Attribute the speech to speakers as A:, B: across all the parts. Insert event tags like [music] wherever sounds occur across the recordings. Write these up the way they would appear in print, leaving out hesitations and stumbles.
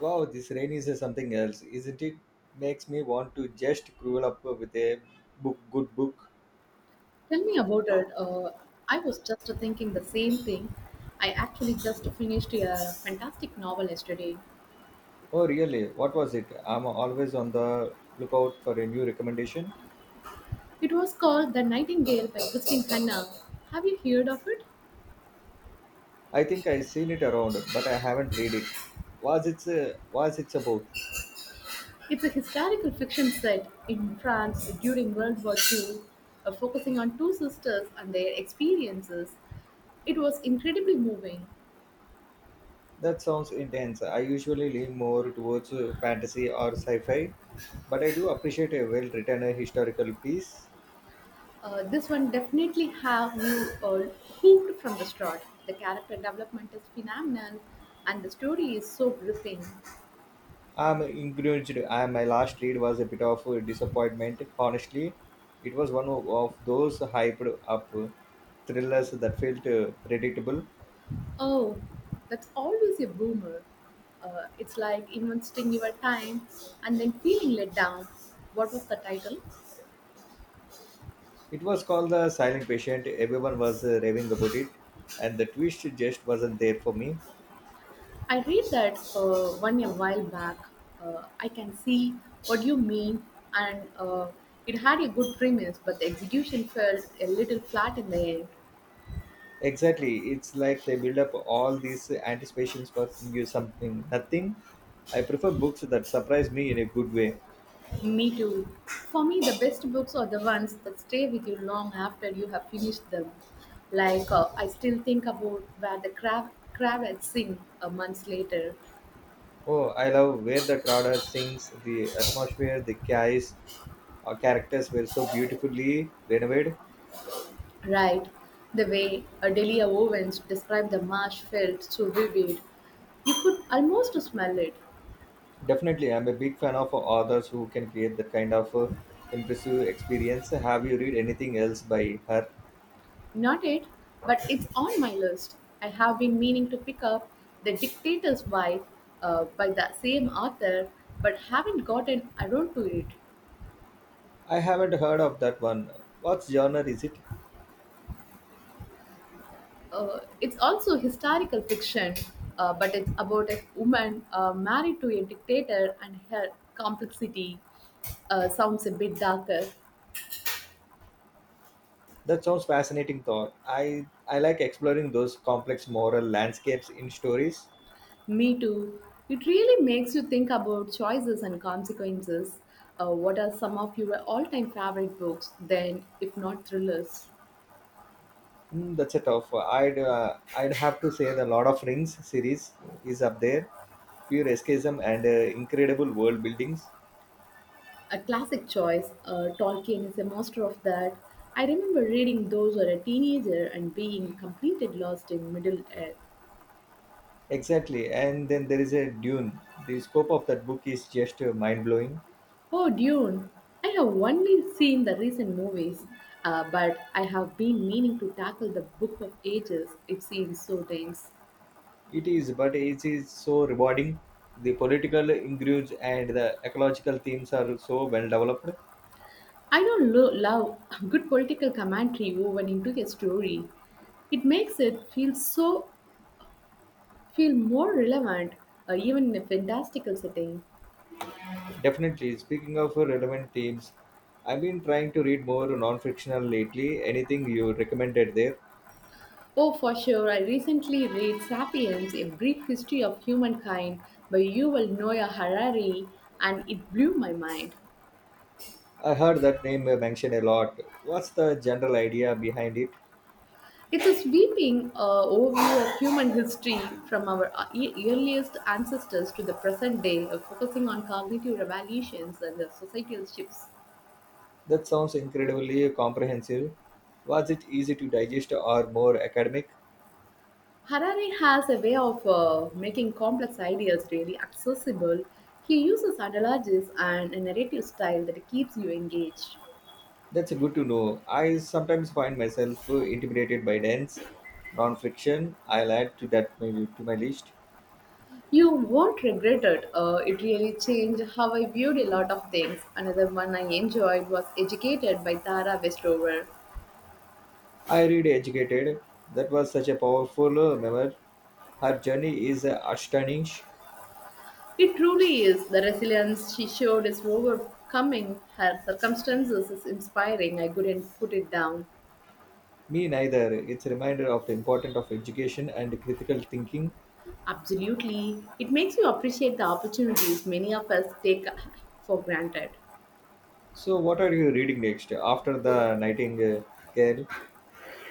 A: Wow, this rain is something else, isn't it? Makes me want to just curl up with a good book.
B: Tell me about it. I was just thinking the same thing. I actually just finished a fantastic novel yesterday.
A: Oh, really? What was it? I'm always on the lookout for a new recommendation.
B: It was called The Nightingale by Christine Hanna. Have you heard of it?
A: I think I've seen it around, but I haven't read it. Was it's about?
B: It's a historical fiction set in France during World War II, focusing on two sisters and their experiences. It was incredibly moving.
A: That sounds intense. I usually lean more towards fantasy or sci-fi, but I do appreciate a well-written historical piece.
B: This one definitely have you hooked from the start. The character development is phenomenal, and the story is so gripping.
A: I'm encouraged. My last read was a bit of a disappointment. Honestly, it was one of those hyped up thrillers that felt predictable.
B: Oh, that's always a boomer. It's like investing your time and then feeling let down. What was the title?
A: It was called The Silent Patient. Everyone was raving about it, and the twist just wasn't there for me.
B: I read that one a while back. I can see what you mean, and it had a good premise, but the execution felt a little flat in the end.
A: Exactly. It's like they build up all these anticipations for you something, nothing. I prefer books that surprise me in a good way.
B: Me too. For me, the best books are the ones that stay with you long after you have finished them. Like I still think about where the crab had sing a months later.
A: Oh, I love where the crowd are sings, the atmosphere, the chaos characters were so beautifully renovated.
B: Right. The way Adelia Owens described the marsh felt so vivid. Almost smell it.
A: Definitely, I'm a big fan of authors who can create that kind of impressive experience. Have you read anything else by her?
B: Not it, but it's on my list. I have been meaning to pick up The Dictator's Wife by the same author, but haven't gotten around to it.
A: I haven't heard of that one. What genre is it?
B: It's also historical fiction, but it's about a woman married to a dictator and her complexity. Sounds a bit darker.
A: That sounds fascinating thought. I like exploring those complex moral landscapes in stories.
B: Me too. It really makes you think about choices and consequences. What are some of your all time favorite books, then, if not thrillers?
A: Hmm, that's a tough. I'd have to say the Lord of Rings series is up there. Pure escapism and incredible world buildings.
B: A classic choice, Tolkien is a master of that. I remember reading those as a teenager and being completely lost in Middle Earth.
A: Exactly. And then there is a Dune. The scope of that book is just mind blowing.
B: Oh, Dune! I have only seen the recent movies, but I have been meaning to tackle the book of ages. It seems so dense.
A: It is, but it is so rewarding. The political ingredients and the ecological themes are so well developed.
B: I don't love [laughs] good political commentary woven into a story. It makes it feel so feel more relevant, even in a fantastical setting.
A: Definitely. Speaking of relevant themes, I've been trying to read more non fictional lately. Anything you recommended there?
B: Oh, for sure! I recently read *Sapiens: A Brief History of Humankind* by Yuval Noah Harari, and it blew my mind.
A: I heard that name mentioned a lot. What's the general idea behind it?
B: It's a sweeping overview of human history from our earliest ancestors to the present day, focusing on cognitive revolutions and the societal shifts.
A: That sounds incredibly comprehensive. Was it easy to digest or more academic?
B: Harari has a way of making complex ideas really accessible. He uses analogies and a narrative style that keeps you engaged.
A: That's good to know. I sometimes find myself intimidated by dense non-fiction. I'll add to that maybe to my list.
B: You won't regret it. It really changed how I viewed a lot of things. Another one I enjoyed was Educated by Tara Westover.
A: I read Educated. That was such a powerful memoir. Her journey is astonishing.
B: It truly is. The resilience she showed is overcoming her circumstances is inspiring. I couldn't put it down.
A: Me neither. It's a reminder of the importance of education and critical thinking.
B: Absolutely. It makes you appreciate the opportunities many of us take for granted.
A: So, what are you reading next? After the Nightingale.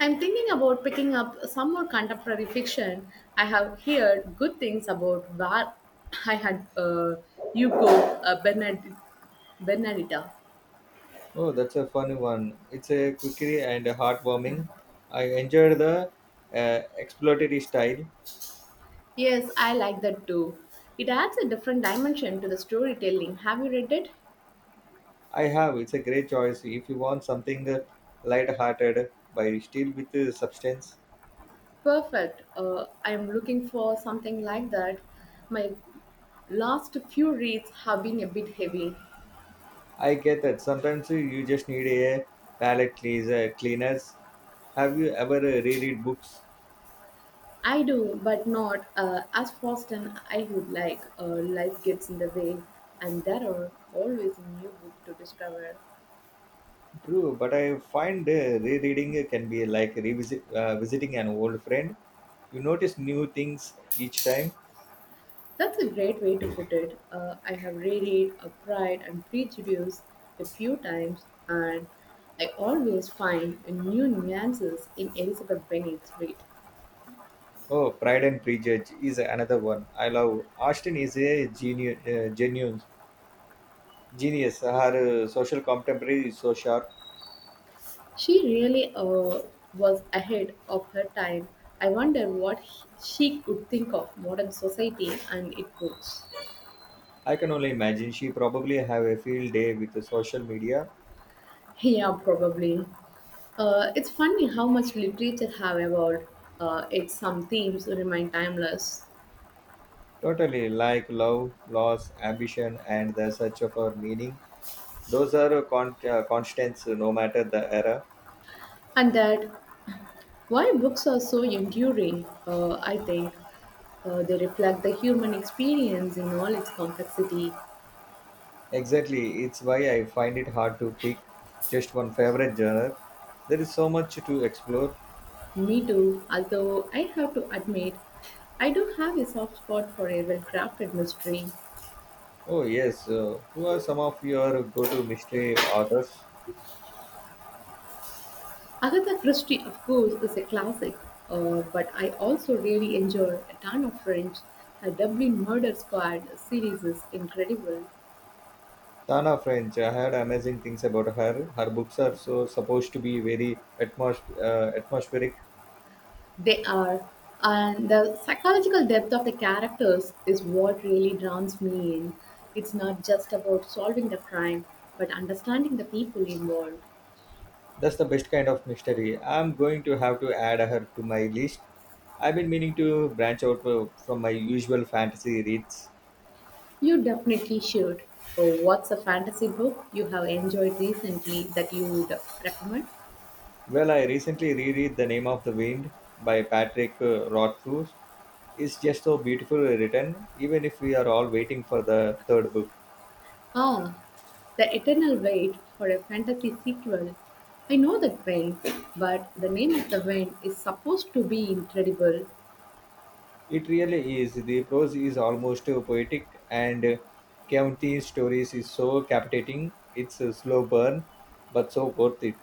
B: I'm thinking about picking up some more contemporary fiction. I have heard good things about where I had Hugo Bernadita.
A: Oh, that's a fun one. It's a quickie and heartwarming. I enjoyed the exploratory style.
B: Yes, I like that too. It adds a different dimension to the storytelling. Have you read it?
A: I have. It's a great choice. If you want something light-hearted but still with substance.
B: Perfect. I am looking for something like that. My last few reads have been a bit heavy.
A: I get that. Sometimes you just need a palate cleanser. Cleaners. Have you ever reread books?
B: I do, but not as fast as I would like. Life gets in the way, and there are always a new book to discover.
A: True, but I find rereading can be like revisit visiting an old friend. You notice new things each time.
B: That's a great way to put it. I have reread Pride and Prejudice a few times, and I always find a new nuances in Elizabeth Bennet's wit.
A: Oh, Pride and Prejudice is another one. I love. Austen is a genius. Genius. Her social contemporary is so sharp.
B: She really was ahead of her time. I wonder what she could think of modern society and its books.
A: I can only imagine she probably have a field day with the social media.
B: Yeah, probably. It's funny how much literature have evolved. It's some themes remain timeless,
A: Totally like love, loss, ambition, and the search of our meaning. Those are constants no matter the era.
B: and that why books are so enduring. I think they reflect the human experience in all its complexity.
A: Exactly, it's why I find it hard to pick just one favorite genre. There is so much to explore.
B: Me too. Although I have to admit, I do have a soft spot for a well-crafted mystery.
A: Oh yes, who are some of your go-to mystery authors?
B: Agatha Christie, of course, is a classic, but I also really enjoy a ton of French. Her Dublin Murder Squad series is incredible.
A: Tana French, I heard amazing things about her. Her books are so supposed to be very atmospheric.
B: They are, and the psychological depth of the characters is what really draws me in. It's not just about solving the crime, but understanding the people involved.
A: That's the best kind of mystery. I'm going to have to add her to my list. I've been meaning to branch out from my usual fantasy reads.
B: You definitely should. So what's a fantasy book you have enjoyed recently that you would recommend?
A: Well, I recently reread The Name of the Wind by Patrick Rothfuss. It's just so beautifully written, even if we are all waiting for the third book.
B: Ah, the eternal wait for a fantasy sequel. I know the train, but the name of the wind is supposed to be incredible.
A: It really is. The prose is almost poetic, and County's stories is so captivating. It's a slow burn, but so worth it.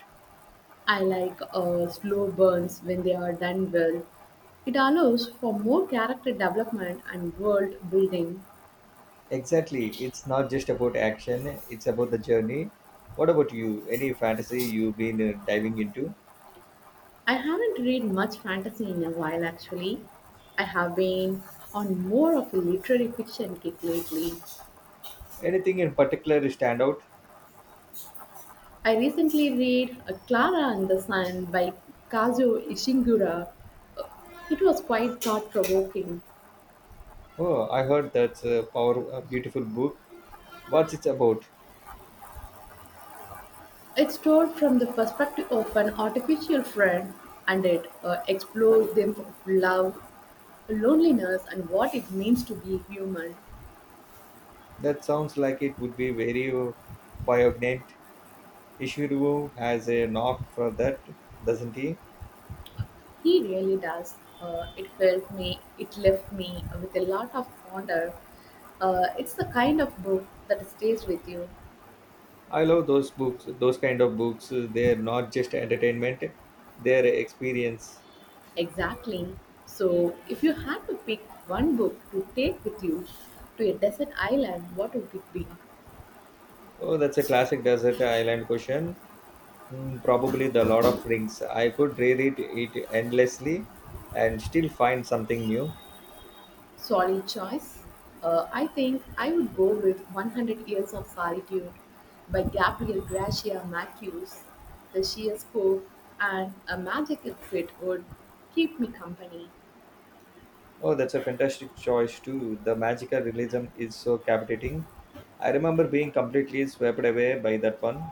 B: I like slow burns when they are done well. It allows for more character development and world building.
A: Exactly. It's not just about action, it's about the journey. What about you? Any fantasy you've been diving into?
B: I haven't read much fantasy in a while actually. I have been on more of a literary fiction kick lately.
A: Anything in particular stand out?
B: I recently read Clara and the Sun by Kazuo Ishiguro. Uh, It was quite thought provoking.
A: Oh, I heard that's a power a beautiful book. What's it about?
B: It's told from the perspective of an artificial friend and it explores them of love, loneliness, and what it means to be human.
A: That sounds like it would be very poignant. Ishiro has a knock for that, doesn't he?
B: He really does. It left me with a lot of wonder. It's the kind of book that stays with you.
A: I love those books, those kind of books. They're not just entertainment, they're experience.
B: Exactly. So, if you had to pick one book to take with you to a desert island, what would it be?
A: Oh, that's a classic desert island question. Mm, probably The Lord of Rings. I could reread it endlessly and still find something new.
B: Solid choice. I think I would go with 100 Years of Solitude by Gabriel Garcia Marquez. The sheer scope and a magical fit would keep me company.
A: Oh, that's a fantastic choice, too. The magical realism is so captivating. I remember being completely swept away by that one.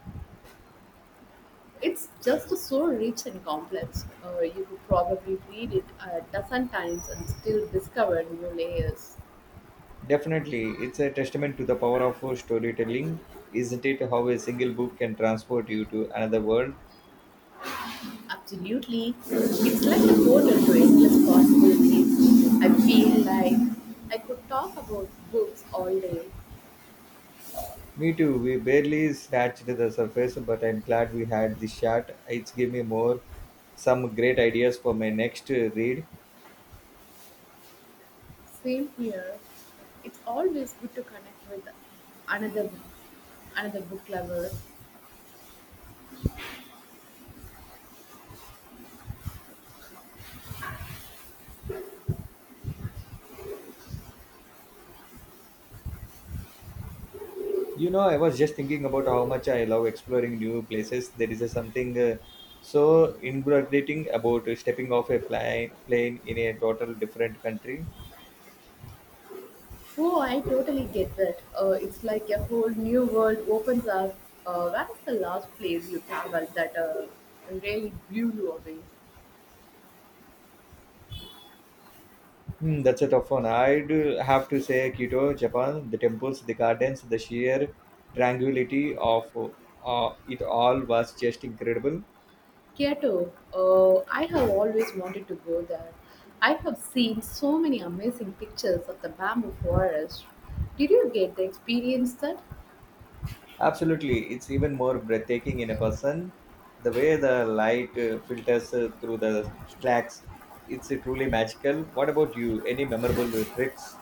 B: It's just so rich and complex. You could probably read it a dozen times and still discover new layers.
A: Definitely, it's a testament to the power of storytelling, isn't it? How a single book can transport you to another world.
B: Absolutely. It's like a portal to endless possibilities. I feel like I could talk about books all day.
A: Me too, we barely scratched the surface, but I'm glad we had this chat. It's given me more some great ideas for my next read.
B: Same here. It's always good to connect with another another book lover.
A: You know, I was just thinking about how much I love exploring new places. There is a something so invigorating about stepping off a plane in a total different country.
B: Oh, I totally get that. It's like a whole new world opens up. Where is the last place you traveled that really blew you away?
A: Hmm, that's a tough one. I do have to say Kyoto, Japan, the temples, the gardens, the sheer tranquility of it all was just incredible.
B: Kyoto, oh, I have always wanted to go there. I have seen so many amazing pictures of the bamboo forest. Did you get the experience that?
A: Absolutely, it's even more breathtaking in a person. The way the light filters through the slacks, it's truly magical. What about you? Any memorable trips?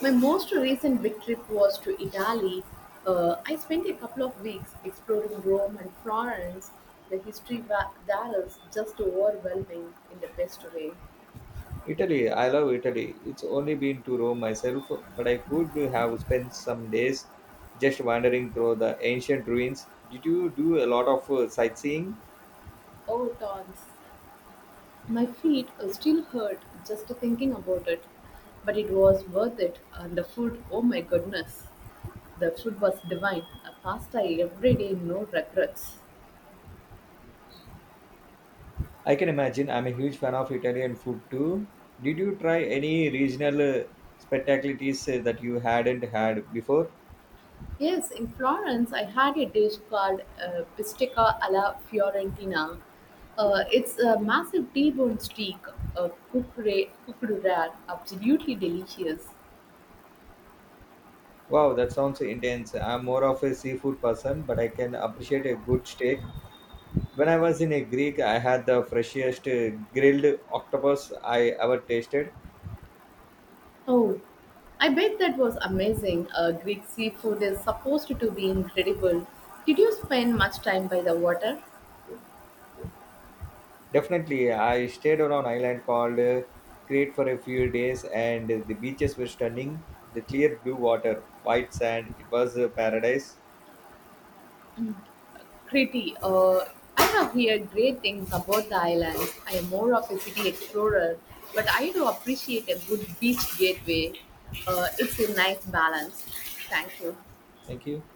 B: My most recent big trip was to Italy. I spent a couple of weeks exploring Rome and Florence. There is just overwhelming in the best way.
A: Italy, I love Italy. It's only been to Rome myself, but I could have spent some days just wandering through the ancient ruins. Did you do a lot of sightseeing?
B: Oh, tons. My feet still hurt just thinking about it, but it was worth it. And the food, oh my goodness, the food was divine. A pasta every day, no regrets.
A: I can imagine. I'm a huge fan of Italian food too. Did you try any regional spectacularities that you hadn't had before?
B: Yes, in Florence, I had a dish called bistecca alla Fiorentina. It's a massive T-bone steak, cooked rare, absolutely delicious.
A: Wow, that sounds intense. I'm more of a seafood person, but I can appreciate a good steak. When I was in a Greek, I had the freshest grilled octopus I ever tasted.
B: Oh, I bet that was amazing. Greek seafood is supposed to be incredible. Did you spend much time by the water?
A: Definitely, I stayed on an island called Crete for a few days, and the beaches were stunning. The clear blue water, white sand, it was a paradise.
B: Crete, I have heard great things about the island. I am more of a city explorer, but I do appreciate a good beach gateway. It's a nice balance. Thank you.
A: Thank you.